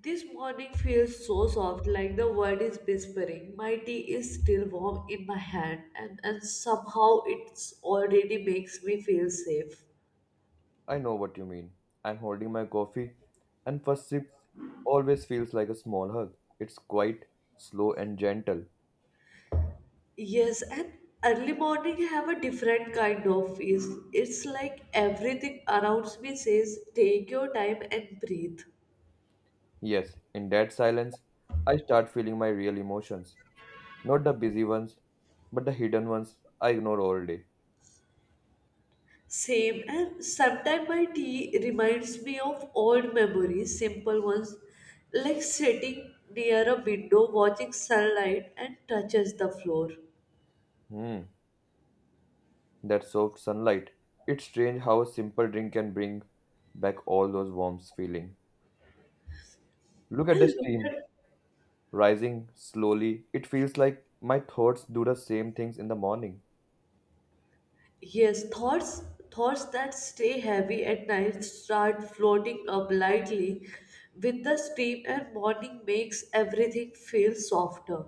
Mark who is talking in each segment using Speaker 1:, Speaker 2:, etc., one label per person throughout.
Speaker 1: This morning feels so soft, like the world is whispering. My tea is still warm in my hand, and somehow it's already makes me feel safe.
Speaker 2: I know what you mean. I'm holding my coffee, and first sip always feels like a small hug. It's quite slow and gentle.
Speaker 1: Yes, and early morning have a different kind of ease. It's like everything around me says, take your time and breathe.
Speaker 2: Yes, in that silence, I start feeling my real emotions. Not the busy ones, but the hidden ones I ignore all day.
Speaker 1: Same, and sometimes my tea reminds me of old memories, simple ones, like sitting near a window watching sunlight and touches the floor.
Speaker 2: Hmm, that soft sunlight. It's strange how a simple drink can bring back all those warm feelings. Look at the
Speaker 1: And look
Speaker 2: steam
Speaker 1: at
Speaker 2: rising slowly. It feels like my thoughts do the same things in the morning.
Speaker 1: yes, thoughts that stay heavy at night start floating up lightly with the steam and morning makes everything feel softer.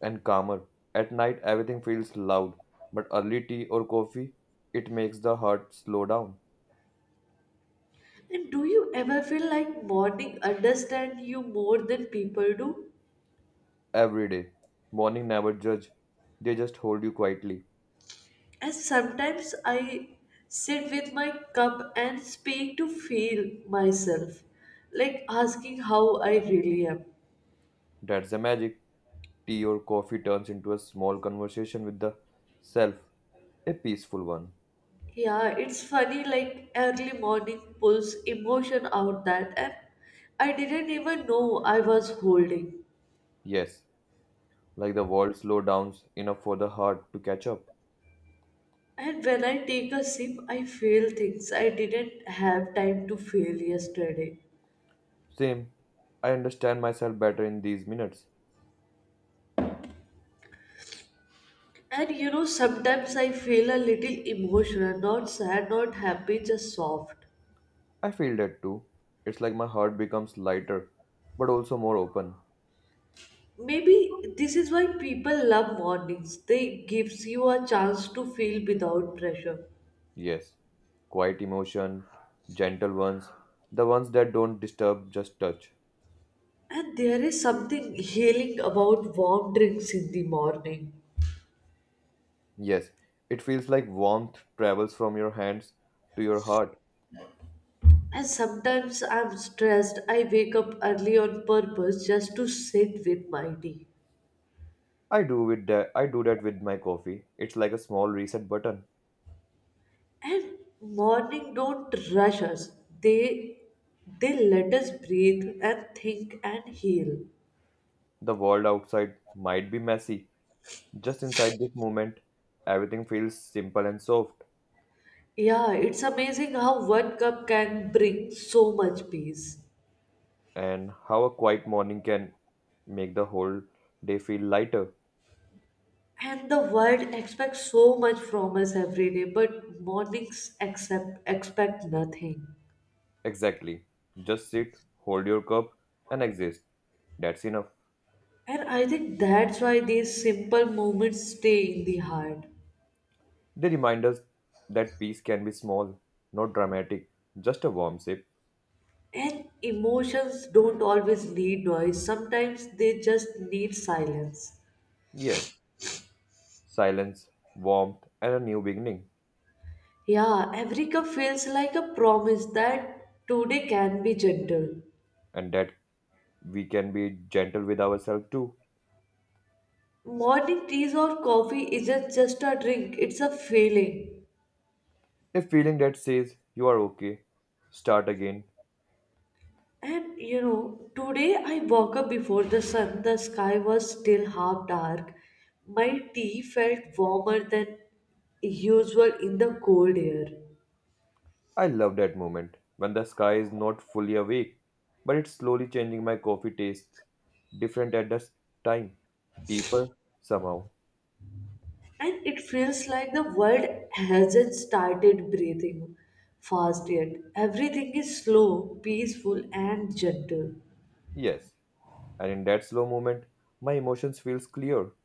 Speaker 2: And calmer. At night, everything feels loud, but early tea or coffee, it makes the heart slow down.
Speaker 1: And do you ever feel like morning understand you more than people do?
Speaker 2: Every day, morning never judge, they just hold you quietly.
Speaker 1: And sometimes I sit with my cup and speak to feel myself, like asking how I really am.
Speaker 2: That's the magic. Tea or coffee turns into a small conversation with the self, a peaceful one.
Speaker 1: Yeah, it's funny like early morning pulls emotion out that and I didn't even know I was holding.
Speaker 2: Yes, like the world slow down enough for the heart to catch up.
Speaker 1: And when I take a sip, I feel things I didn't have time to feel yesterday.
Speaker 2: Same, I understand myself better in these minutes.
Speaker 1: And sometimes I feel a little emotional, not sad, not happy, just soft.
Speaker 2: I feel that too. It's like my heart becomes lighter, but also more open.
Speaker 1: Maybe this is why people love mornings. They gives you a chance to feel without pressure.
Speaker 2: Yes, quiet emotion, gentle ones, the ones that don't disturb, just touch.
Speaker 1: And there is something healing about warm drinks in the morning.
Speaker 2: Yes, it feels like warmth travels from your hands to your heart.
Speaker 1: And sometimes I'm stressed, I wake up early on purpose just to sit with my tea.
Speaker 2: I do with that. I do that with my coffee. It's like a small reset button.
Speaker 1: And morning don't rush us. They they let us breathe and think and heal.
Speaker 2: The world outside might be messy. Just inside this moment, everything feels simple and soft.
Speaker 1: Yeah, it's amazing how one cup can bring so much peace.
Speaker 2: And how a quiet morning can make the whole day feel lighter.
Speaker 1: And the world expects so much from us every day, but mornings accept expect nothing.
Speaker 2: Exactly. Just sit, hold your cup, and exist. That's enough.
Speaker 1: And I think that's why these simple moments stay in the heart.
Speaker 2: They remind us that peace can be small, not dramatic, just a warm sip.
Speaker 1: And emotions don't always need noise, sometimes they just need silence.
Speaker 2: Yes, silence, warmth, and a new beginning,
Speaker 1: Yeah, every cup feels like a promise that today can be gentle.
Speaker 2: and that we can be gentle with ourselves too.
Speaker 1: Morning teas or coffee isn't just a drink, it's a feeling.
Speaker 2: A feeling that says, you are okay, start again.
Speaker 1: And today I woke up before the sun. The sky was still half dark. My tea felt warmer than usual in the cold air.
Speaker 2: I love that moment when the sky is not fully awake, but it's slowly changing my coffee tastes, different at this time, deeper somehow.
Speaker 1: And it feels like the world hasn't started breathing fast yet. Everything is slow, peaceful, and gentle.
Speaker 2: Yes, and in that slow moment, my emotions feels clear.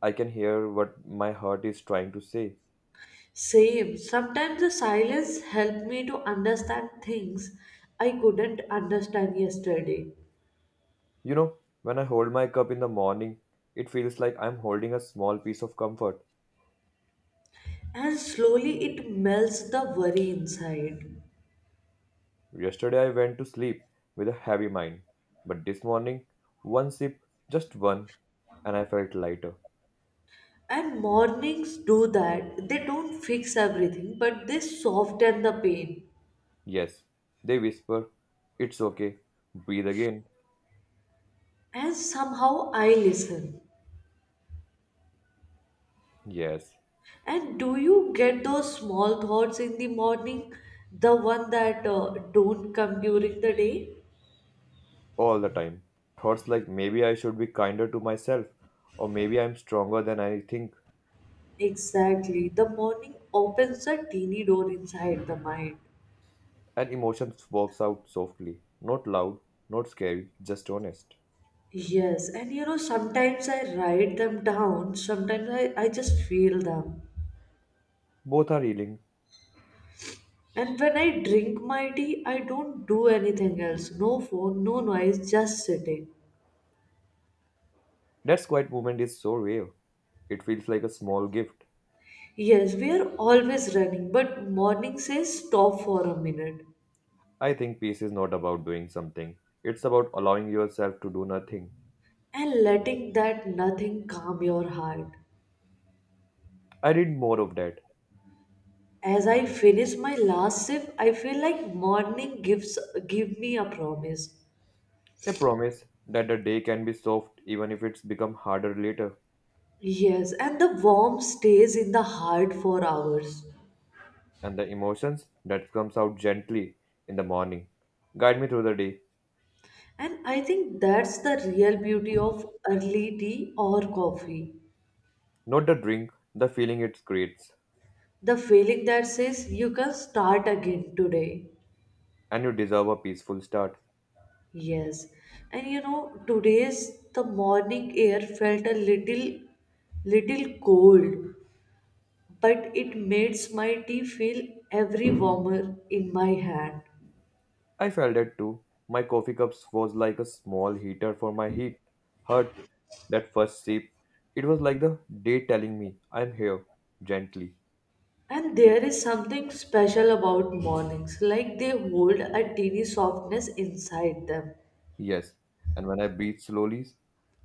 Speaker 2: I can hear what my heart is trying to say.
Speaker 1: Same. Sometimes the silence helped me to understand things I couldn't understand yesterday.
Speaker 2: You know, when I hold my cup in the morning, it feels like I'm holding a small piece of comfort.
Speaker 1: And slowly it melts the worry inside.
Speaker 2: Yesterday I went to sleep with a heavy mind, but this morning, one sip, just one, and I felt lighter.
Speaker 1: And mornings do that. They don't fix everything, but they soften the pain.
Speaker 2: Yes, they whisper, it's okay, breathe again.
Speaker 1: And somehow I listen.
Speaker 2: Yes,
Speaker 1: And do you get those small thoughts in the morning? The one that don't come during the day?
Speaker 2: all the time. Thoughts like maybe I should be kinder to myself, or maybe I'm stronger than I think.
Speaker 1: Exactly. The morning opens a teeny door inside the mind.
Speaker 2: And emotions walks out softly, not loud, not scary, just honest.
Speaker 1: Yes, and sometimes I write them down, sometimes I just feel them.
Speaker 2: Both are healing.
Speaker 1: And when I drink my tea, I don't do anything else. No phone, no noise, just sitting.
Speaker 2: That quiet moment is so rare. It feels like a small gift.
Speaker 1: Yes, we are always running, but morning says stop for a minute
Speaker 2: I think peace is not about doing something. It's about allowing yourself to do nothing.
Speaker 1: and letting that nothing calm your heart.
Speaker 2: I need more of that.
Speaker 1: As I finish my last sip, I feel like morning gives give me a promise.
Speaker 2: A promise that the day can be soft even if it's become harder later.
Speaker 1: Yes, and the warmth stays in the heart for hours.
Speaker 2: And the emotions that comes out gently in the morning. Guide me through the day.
Speaker 1: And I think that's the real beauty of early tea or coffee.
Speaker 2: Not the drink, the feeling it creates.
Speaker 1: The feeling that says you can start again today.
Speaker 2: And you deserve a peaceful start.
Speaker 1: Yes, and today's the morning air felt a little cold, but it made my tea feel every warmer in my hand.
Speaker 2: I felt that too. My coffee cups was like a small heater for my heat. Hurt that first sip. It was like the day telling me, I'm here, gently.
Speaker 1: And there is something special about mornings, like they hold a teeny softness inside them.
Speaker 2: Yes. And when I breathe slowly,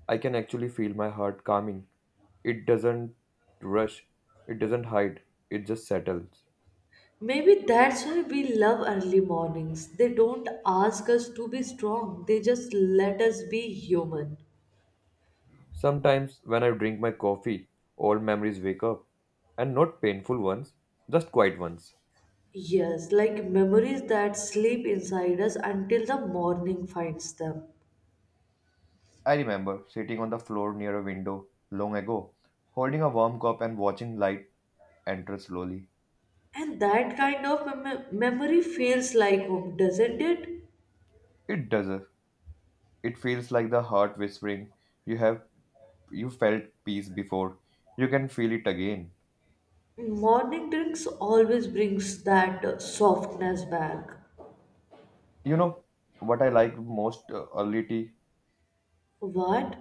Speaker 2: I can actually feel my heart calming. It doesn't rush, it doesn't hide, it just settles.
Speaker 1: Maybe that's why we love early mornings. They don't ask us to be strong, they just let us be human.
Speaker 2: Sometimes when I drink my coffee, old memories wake up. And not painful ones, just quiet ones.
Speaker 1: Yes, like memories that sleep inside us until the morning finds them.
Speaker 2: I remember sitting on the floor near a window long ago, holding a warm cup and watching light enter slowly.
Speaker 1: And that kind of memory feels like home, doesn't it?
Speaker 2: It does it. It feels like the heart whispering, you have you felt peace before. You can feel it again.
Speaker 1: Morning drinks always brings that softness back.
Speaker 2: You know what I like most early tea?
Speaker 1: What?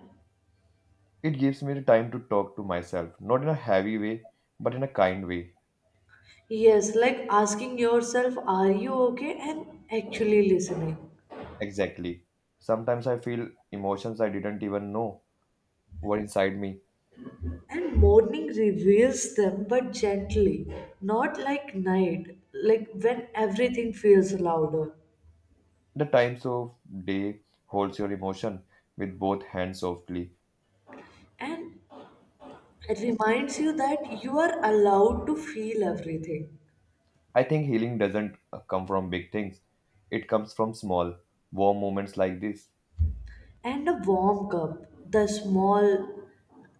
Speaker 2: It gives me the time to talk to myself, not in a heavy way, but in a kind way.
Speaker 1: Yes, like asking yourself, are you okay? And actually listening.
Speaker 2: Exactly. Sometimes I feel emotions I didn't even know were inside me.
Speaker 1: And morning reveals them, but gently, not like night, like when everything feels louder.
Speaker 2: The times of day holds your emotion with both hands softly.
Speaker 1: And it reminds you that you are allowed to feel everything.
Speaker 2: I think healing doesn't come from big things. It comes from small, warm moments like this.
Speaker 1: And a warm cup, the small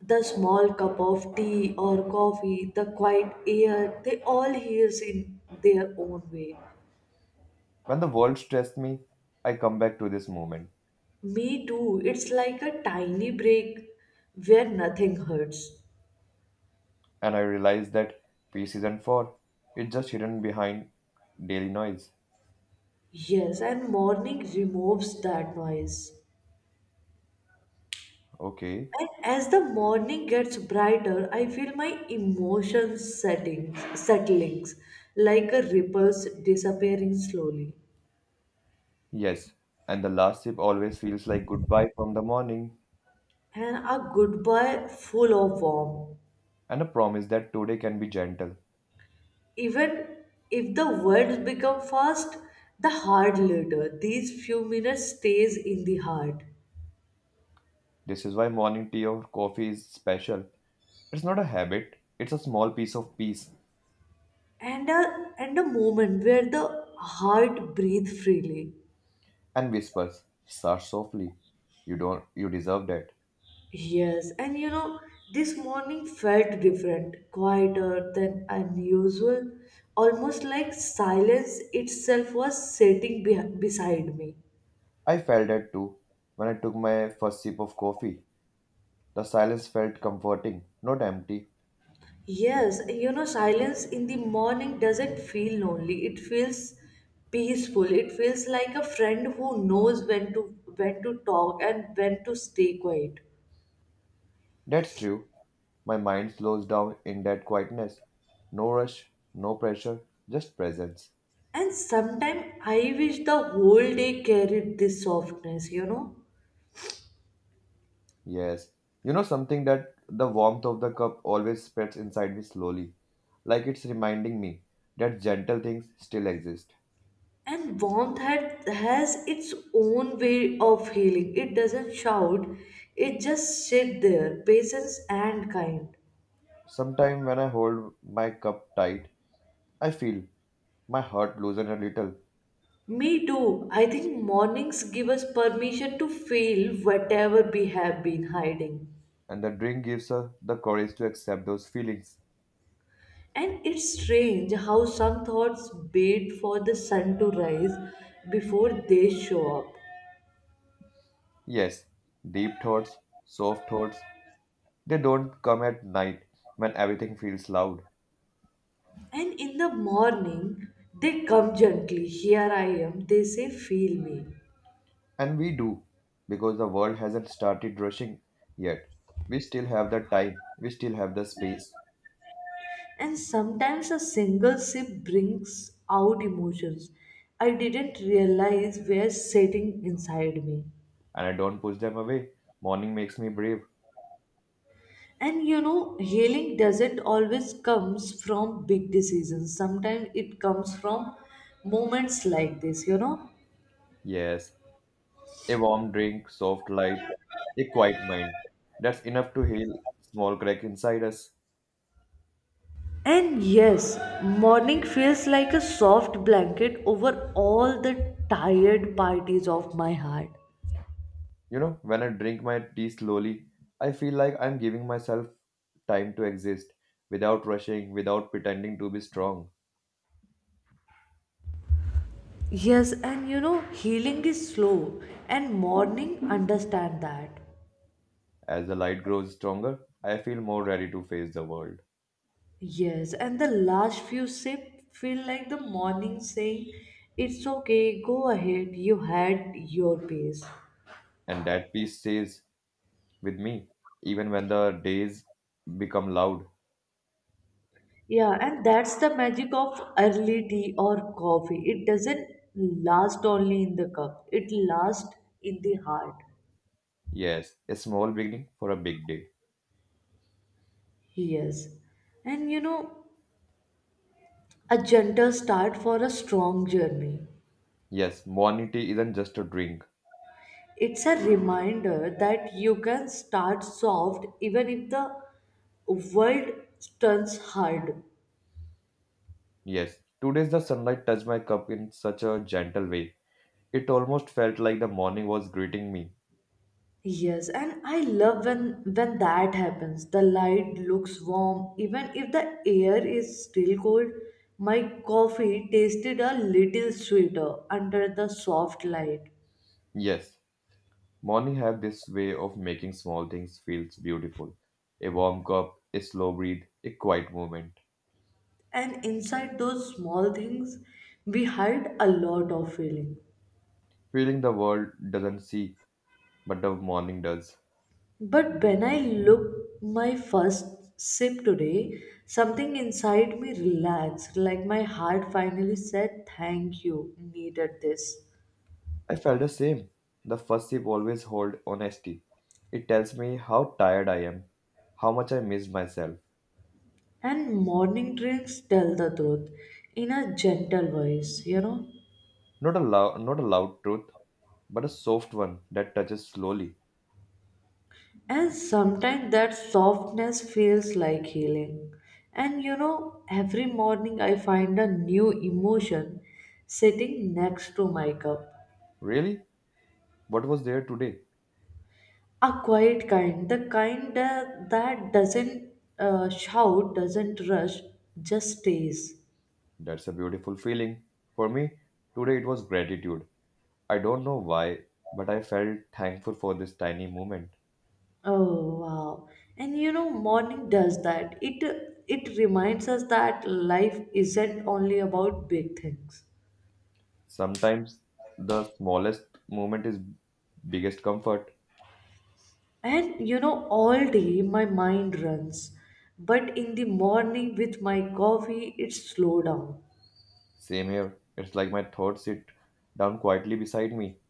Speaker 1: the small cup of tea or coffee, the quiet air, they all hears in their own way.
Speaker 2: When the world stressed me, I come back to this moment
Speaker 1: Me too, it's like a tiny break where nothing hurts.
Speaker 2: and I realize that peace isn't for. It's just hidden behind daily noise.
Speaker 1: Yes, and morning removes that noise.
Speaker 2: Okay.
Speaker 1: And as the morning gets brighter, I feel my emotions settlings like a ripples disappearing slowly
Speaker 2: Yes. And the last sip always feels like goodbye from the morning
Speaker 1: and a goodbye full of warmth.
Speaker 2: and a promise that today can be gentle.
Speaker 1: Even if the words become fast, the heart later, these few minutes stays in the heart.
Speaker 2: This is why morning tea or coffee is special. It's not a habit, it's a small piece of peace
Speaker 1: And and a moment where the heart breathes freely.
Speaker 2: and whispers, start softly. You don't you deserve that.
Speaker 1: Yes, and this morning felt different, quieter than unusual, almost like silence itself was sitting beh beside me.
Speaker 2: I felt that too. When I took my first sip of coffee, the silence felt comforting, not empty.
Speaker 1: Yes, you know, silence in the morning doesn't feel lonely. It feels peaceful. It feels like a friend who knows when to talk and when to stay quiet.
Speaker 2: That's true. My mind slows down in that quietness. No rush, no pressure, just presence.
Speaker 1: And sometimes I wish the whole day carried this softness,
Speaker 2: Yes. You know something that the warmth of the cup always spreads inside me slowly, like it's reminding me that gentle things still exist.
Speaker 1: And has its own way of healing. It doesn't shout, it just sit there, patient and kind.
Speaker 2: Sometimes when I hold my cup tight, I feel my heart loosen a little,
Speaker 1: Me too. I think mornings give us permission to feel whatever we have been hiding.
Speaker 2: and the drink gives her the courage to accept those feelings.
Speaker 1: And it's strange how some thoughts wait for the sun to rise before they show up.
Speaker 2: Yes, deep thoughts, soft thoughts, they don't come at night when everything feels loud.
Speaker 1: And in the morning, they come gently. Here I am. They say, feel me.
Speaker 2: And we do, because the world hasn't started rushing yet. We still have the time, we still have the space,
Speaker 1: And sometimes a single sip brings out emotions I didn't realize were sitting inside me.
Speaker 2: and I don't push them away. Morning makes me brave.
Speaker 1: And healing doesn't always comes from big decisions. Sometimes it comes from moments like this,
Speaker 2: Yes, a warm drink, soft light, a quiet mind. That's enough to heal small crack inside us.
Speaker 1: And yes, morning feels like a soft blanket over all the tired parties of my heart.
Speaker 2: You know, when I drink my tea slowly, I feel like I'm giving myself time to exist without rushing, without pretending to be strong.
Speaker 1: Yes, and healing is slow, and morning understand that.
Speaker 2: As the light grows stronger, I feel more ready to face the world.
Speaker 1: Yes, and the last few sip feel like the morning saying, it's okay, go ahead, you had your pace.
Speaker 2: And that peace stays with me, even when the days become loud.
Speaker 1: Yeah, and that's the magic of early tea or coffee. It doesn't last only in the cup, it lasts in the heart.
Speaker 2: Yes, a small beginning for a big day.
Speaker 1: Yes, and a gentle start for a strong journey.
Speaker 2: Yes, morning tea isn't just a drink.
Speaker 1: It's a reminder that you can start soft even if the world turns hard.
Speaker 2: Yes, today's the sunlight touched my cup in such a gentle way. It almost felt like the morning was greeting me.
Speaker 1: Yes, and I love when that happens. The light looks warm, even if the air is still cold. My coffee tasted a little sweeter under the soft light.
Speaker 2: Yes, morning have this way of making small things feels beautiful. A warm cup, a slow breathe, a quiet moment.
Speaker 1: And inside those small things, we hide a lot of feeling.
Speaker 2: Feeling the world doesn't see, but the morning does.
Speaker 1: But when I look my first sip today, something inside me relaxed, like my heart finally said, "Thank you, needed this."
Speaker 2: I felt the same. The first sip always hold honesty. It tells me how tired I am, how much I miss myself.
Speaker 1: And morning drinks tell the truth in a gentle voice,
Speaker 2: Not a loud, not a loud truth, but a soft one that touches slowly.
Speaker 1: And sometimes that softness feels like healing. And every morning I find a new emotion sitting next to my cup.
Speaker 2: Really? What was there today?
Speaker 1: A quiet kind, the kind that doesn't shout, doesn't rush, just stays.
Speaker 2: That's a beautiful feeling. For me, today it was gratitude. I don't know why, but I felt thankful for this tiny moment.
Speaker 1: Oh wow. And morning does that. It reminds us that life isn't only about big things.
Speaker 2: Sometimes the smallest moment is biggest comfort.
Speaker 1: And all day my mind runs, but in the morning with my coffee it slow down.
Speaker 2: Same here. It's like my thoughts sit down quietly beside me.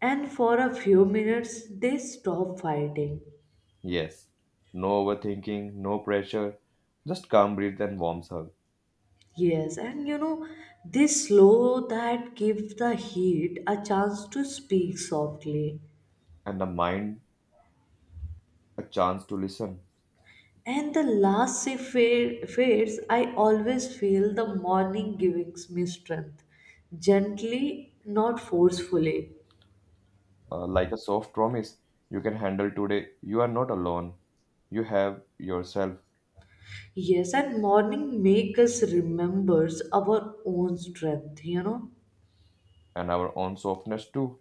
Speaker 1: And for a few minutes they stop fighting.
Speaker 2: Yes. No overthinking, no pressure. Just calm breath and warm hug.
Speaker 1: Yes, and this slow that gives the heat a chance to speak softly.
Speaker 2: And the mind a chance to listen.
Speaker 1: And the last shift fades, I always feel the morning gives me strength, gently, not forcefully.
Speaker 2: Like a soft promise you can handle today, you are not alone. You have yourself
Speaker 1: Yes, and morning make us remembers our own strength,
Speaker 2: and our own softness too.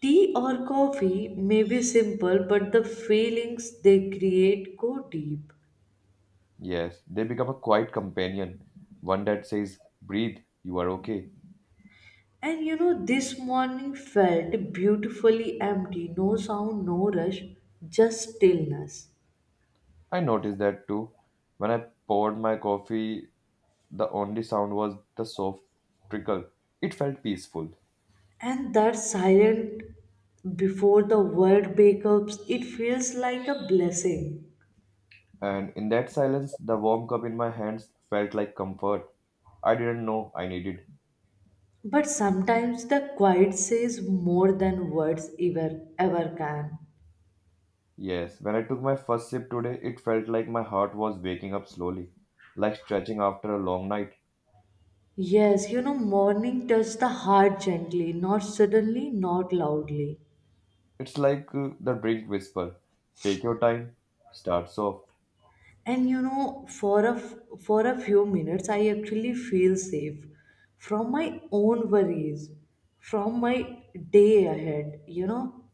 Speaker 1: Tea or coffee may be simple, but the feelings they create go deep.
Speaker 2: Yes, they become a quiet companion, one that says, breathe, you are okay.
Speaker 1: And this morning felt beautifully empty, no sound, no rush, just stillness.
Speaker 2: I noticed that too. When I poured my coffee, the only sound was the soft trickle. It felt peaceful.
Speaker 1: And that silent before the word breakups, it feels like a blessing.
Speaker 2: And in that silence, the warm cup in my hands felt like comfort I didn't know I needed.
Speaker 1: But sometimes the quiet says more than words ever can.
Speaker 2: Yes, when I took my first sip today, it felt like my heart was waking up slowly, like stretching after a long night.
Speaker 1: Yes, morning touched the heart gently, not suddenly, not loudly.
Speaker 2: It's like the drink whisper take your time, start soft.
Speaker 1: And for a for a few minutes, I actually feel safe from my own worries, from my day ahead.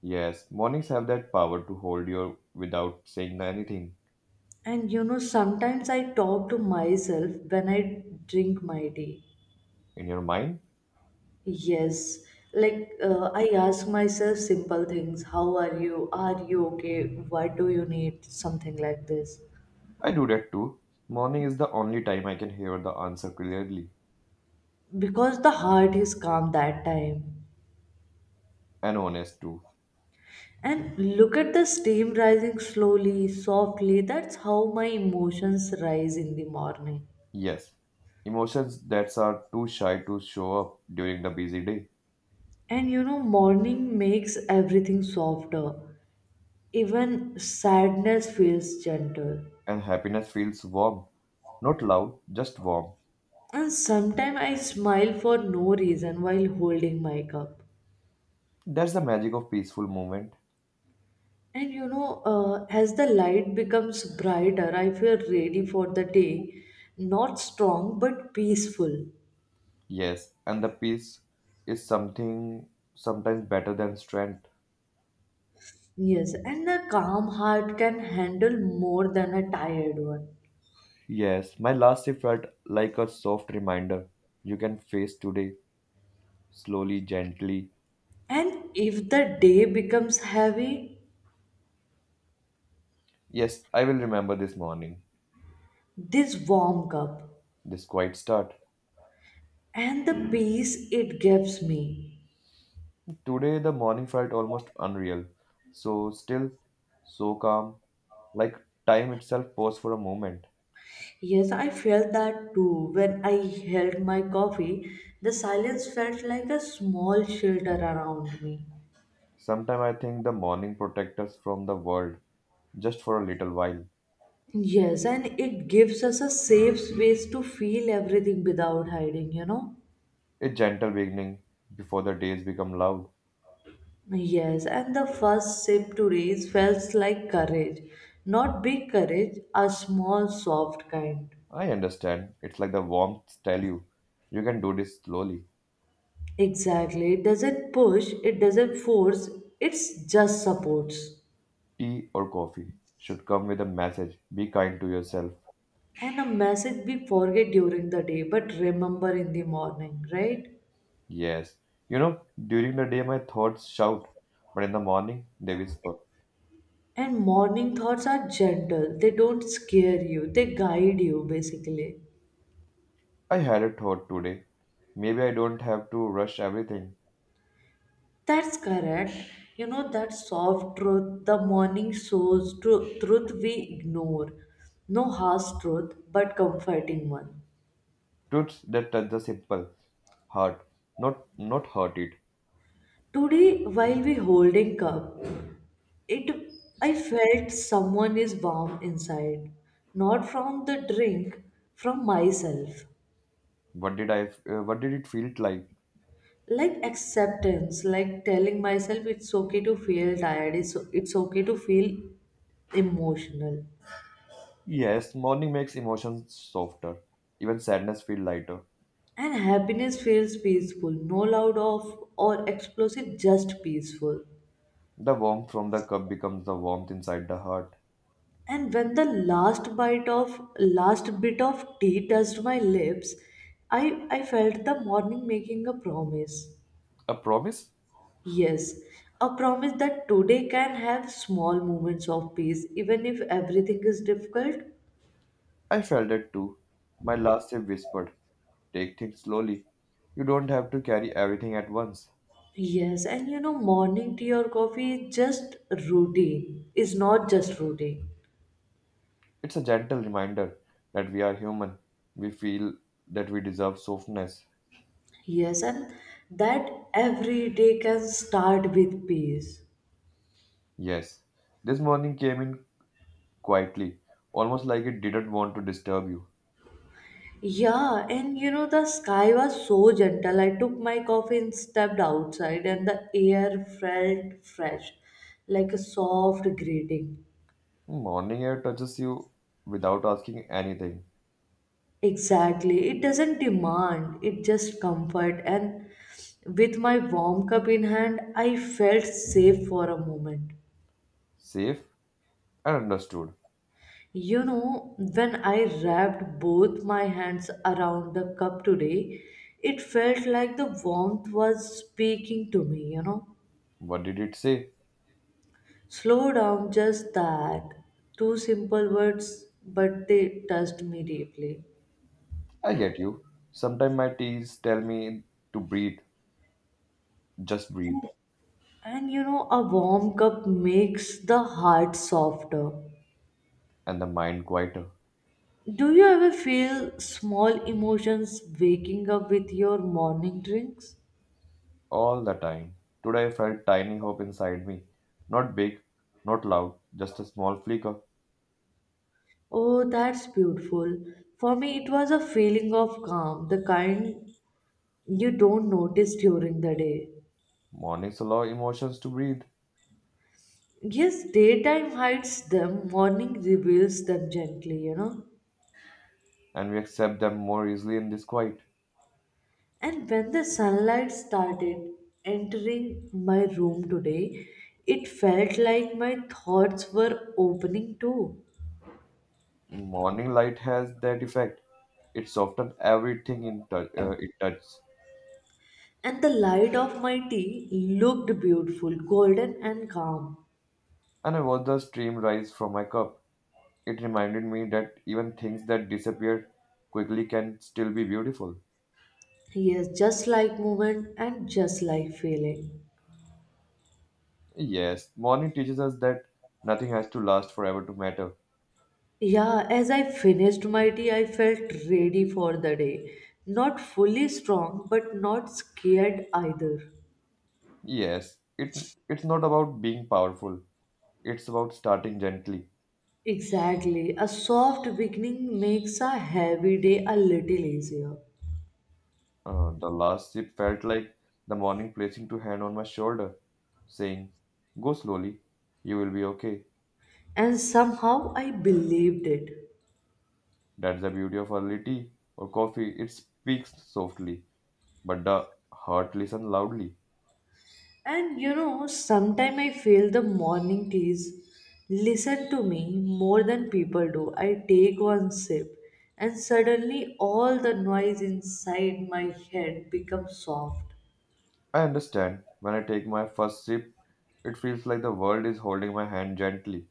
Speaker 2: Yes, mornings have that power to hold you without saying anything
Speaker 1: And sometimes I talk to myself when I drink my tea.
Speaker 2: in your mind.
Speaker 1: Yes, like I ask myself simple things. How are you? Are you okay? What do you need? Something like this.
Speaker 2: I do that too. Morning is the only time I can hear the answer clearly
Speaker 1: Because the heart is calm that time.
Speaker 2: and honest too.
Speaker 1: And look at the steam rising slowly, softly. That's how my emotions rise in the morning.
Speaker 2: Yes, emotions that are too shy to show up during the busy day,
Speaker 1: And morning makes everything softer. Even sadness feels gentle.
Speaker 2: and happiness feels warm, not loud, just warm.
Speaker 1: And sometimes I smile for no reason while holding my cup.
Speaker 2: That's the magic of peaceful movement.
Speaker 1: And as the light becomes brighter, I feel ready for the day. Not strong, but peaceful.
Speaker 2: Yes, and the peace is something sometimes better than strength.
Speaker 1: Yes, and a calm heart can handle more than a tired one.
Speaker 2: Yes, my last day felt like a soft reminder. You can face today, slowly, gently.
Speaker 1: And if the day becomes heavy,
Speaker 2: Yes, I will remember this morning,
Speaker 1: this warm cup
Speaker 2: this quiet start.
Speaker 1: and the peace it gives me.
Speaker 2: Today, the morning felt almost unreal. So still, so calm, like time itself paused for a moment.
Speaker 1: Yes, I felt that too. When I held my coffee, the silence felt like a small shelter around me.
Speaker 2: Sometimes I think the morning protects us from the world just for a little while.
Speaker 1: Yes, and it gives us a safe space to feel everything without hiding, you know?
Speaker 2: A gentle beginning before the days become loud.
Speaker 1: Yes, and the first sip today felt like courage. Not big courage, a small, soft kind.
Speaker 2: I understand. It's like the warmth tell you, you can do this slowly.
Speaker 1: Exactly. It doesn't push, it doesn't force, it's just supports.
Speaker 2: Tea or coffee should come with a message. Be kind to yourself.
Speaker 1: And a message we forget during the day but remember in the morning, right?
Speaker 2: Yes. You know, during the day my thoughts shout, but in the morning they whisper.
Speaker 1: And morning thoughts are gentle, they don't scare you, they guide you basically.
Speaker 2: I had a thought today. Maybe I don't have to rush everything.
Speaker 1: That's correct. You know, that soft truth, the morning shows truth we ignore. No harsh truth, but comforting one.
Speaker 2: Truths that touch the simple heart, not not hurt it.
Speaker 1: Today, while we holding cup, it I felt someone is warm inside, not from the drink, from myself.
Speaker 2: What did I? What did it feel like?
Speaker 1: Like acceptance, like telling myself it's okay to feel tired, it's okay to feel emotional.
Speaker 2: Yes, morning makes emotions softer. Even sadness feel lighter.
Speaker 1: And happiness feels peaceful, no loud off or explosive, just peaceful.
Speaker 2: The warmth from the cup becomes the warmth inside the heart.
Speaker 1: And when the last bit of tea touched my lips, i I felt the morning making a promise.
Speaker 2: A promise?
Speaker 1: Yes, a promise that today can have small moments of peace even if everything is difficult.
Speaker 2: I felt it too. My last sip whispered, take things slowly. You don't have to carry everything at once.
Speaker 1: Yes, and morning tea or coffee is is not just routine.
Speaker 2: It's a gentle reminder that we are human. We feel that we deserve softness.
Speaker 1: Yes, and that every day can start with peace.
Speaker 2: Yes, this morning came in quietly, almost like it didn't want to disturb you.
Speaker 1: Yeah, and the sky was so gentle. I took my coffee and stepped outside, and the air felt fresh, like a soft greeting.
Speaker 2: Morning air touches you without asking anything.
Speaker 1: Exactly. It doesn't demand, it just comfort. And with my warm cup in hand, I felt safe for a moment.
Speaker 2: Safe I understood.
Speaker 1: You know, when I wrapped both my hands around the cup today, it felt like the warmth was speaking to me.
Speaker 2: What did it say?
Speaker 1: Slow down, just that. Two simple words, but they touched me deeply.
Speaker 2: I get you. Sometimes my teas tell me to breathe, just breathe,
Speaker 1: And a warm cup makes the heart softer.
Speaker 2: and the mind quieter
Speaker 1: Do you ever feel small emotions waking up with your morning drinks?
Speaker 2: all the time. Today I felt tiny hope inside me. Not big, not loud, just a small flicker.
Speaker 1: Oh, that's beautiful. For me, it was a feeling of calm, the kind you don't notice during the day.
Speaker 2: Mornings allow emotions to breathe,
Speaker 1: Yes, daytime hides them, morning reveals them gently.
Speaker 2: and we accept them more easily in this quiet.
Speaker 1: And when the sunlight started entering my room today, it felt like my thoughts were opening too.
Speaker 2: Morning light has that effect. It softens everything in it touches.
Speaker 1: And the light of my tea looked beautiful, golden and calm.
Speaker 2: And I watched the stream rise from my cup. It reminded me that even things that disappear quickly can still be beautiful.
Speaker 1: Yes, just like moment and just like feeling.
Speaker 2: Yes, morning teaches us that nothing has to last forever to matter.
Speaker 1: Yeah, as I finished my tea, I felt ready for the day. Not fully strong, but not scared either.
Speaker 2: Yes, it it's not about being powerful. It's about starting gently.
Speaker 1: Exactly. A soft beginning makes a heavy day a little easier.
Speaker 2: The last sip felt like the morning placing two hand on my shoulder, saying, "Go slowly, you will be okay."
Speaker 1: And somehow I believed it.
Speaker 2: That's the beauty of early tea or coffee. It speaks softly, but the heart listens loudly.
Speaker 1: And sometimes I feel the morning teas listen to me more than people do. I take one sip, and suddenly all the noise inside my head becomes soft.
Speaker 2: I understand. When I take my first sip, it feels like the world is holding my hand gently,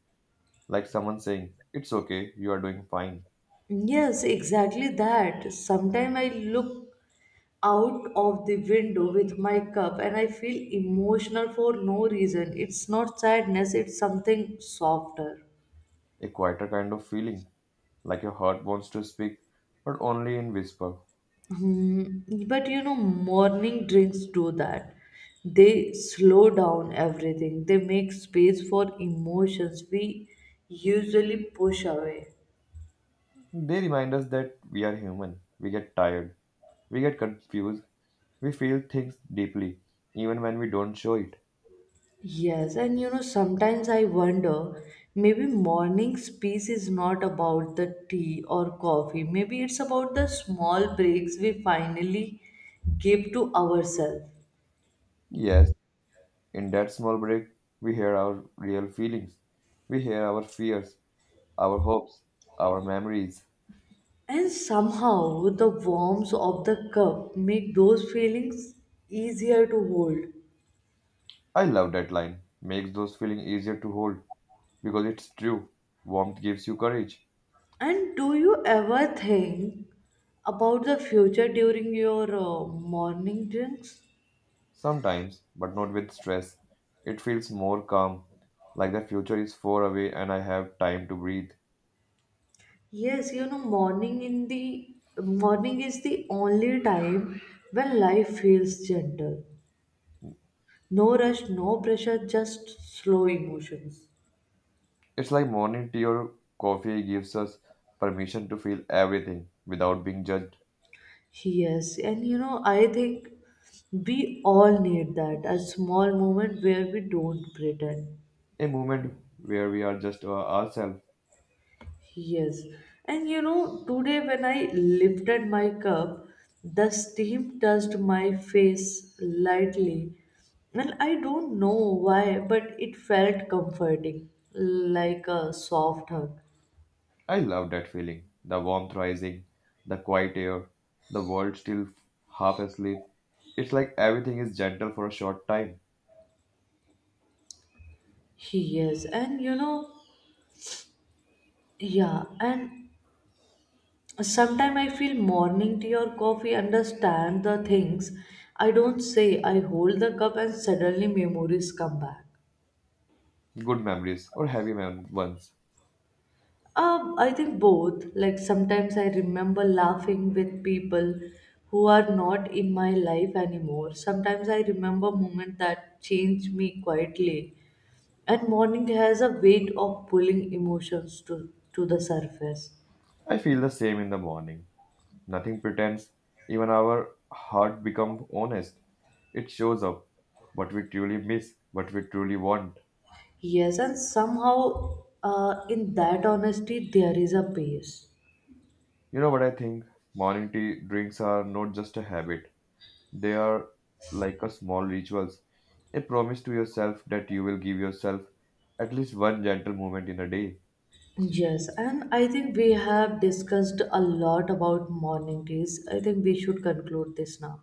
Speaker 2: like someone saying, it's okay, you are doing fine.
Speaker 1: Yes, exactly that. Sometimes I look out of the window with my cup and I feel emotional for no reason. It's not sadness, it's something softer.
Speaker 2: A quieter kind of feeling, like your heart wants to speak, but only in whisper.
Speaker 1: Hmm. But morning drinks do that. They slow down everything, they make space for emotions we usually push away.
Speaker 2: They remind us that we are human. We get tired. We get confused. We feel things deeply, even when we don't show it.
Speaker 1: Yes, and sometimes I wonder, maybe morning's peace is not about the tea or coffee. Maybe it's about the small breaks we finally give to ourselves.
Speaker 2: Yes, in that small break, we hear our real feelings. We hear our fears, our hopes, our memories.
Speaker 1: And somehow the warmth of the cup make those feelings easier to hold.
Speaker 2: I love that line. Makes those feelings easier to hold because it's true. Warmth gives you courage
Speaker 1: And do you ever think about the future during your morning drinks?
Speaker 2: sometimes, but not with stress. It feels more calm, like the future is far away and I have time to breathe.
Speaker 1: Yes, morning in the morning is the only time when life feels gentle. No rush, no pressure, just slow emotions.
Speaker 2: It's like morning tea or coffee gives us permission to feel everything without being judged.
Speaker 1: Yes, and I think we all need that, a small moment where we don't pretend.
Speaker 2: A moment where we are just our- ourselves.
Speaker 1: Yes. And today when I lifted my cup, the steam touched my face lightly. And I don't know why, but it felt comforting, like a soft hug.
Speaker 2: I love that feeling. The warmth rising, the quiet air, the world still half asleep. It's like everything is gentle for a short time.
Speaker 1: Yes. And you know, yeah. And sometimes I feel morning tea or coffee understand the things I don't say. I hold the cup and suddenly memories come back.
Speaker 2: Good memories or heavy mem- ones.
Speaker 1: I think both. Like sometimes I remember laughing with people who are not in my life anymore. Sometimes I remember moments that change me quietly. And mourning has a weight of pulling emotions to the surface.
Speaker 2: I feel the same in the morning. Nothing pretends. Even our heart becomes honest. It shows up what we truly miss, what we truly want.
Speaker 1: Yes, and somehow in that honesty there is a peace.
Speaker 2: You know what I think? Morning tea drinks are not just a habit. They are like a small rituals. A promise to yourself that you will give yourself at least one gentle moment in a day.
Speaker 1: Yes, and I think we have discussed a lot about mourning days. I think we should conclude this now.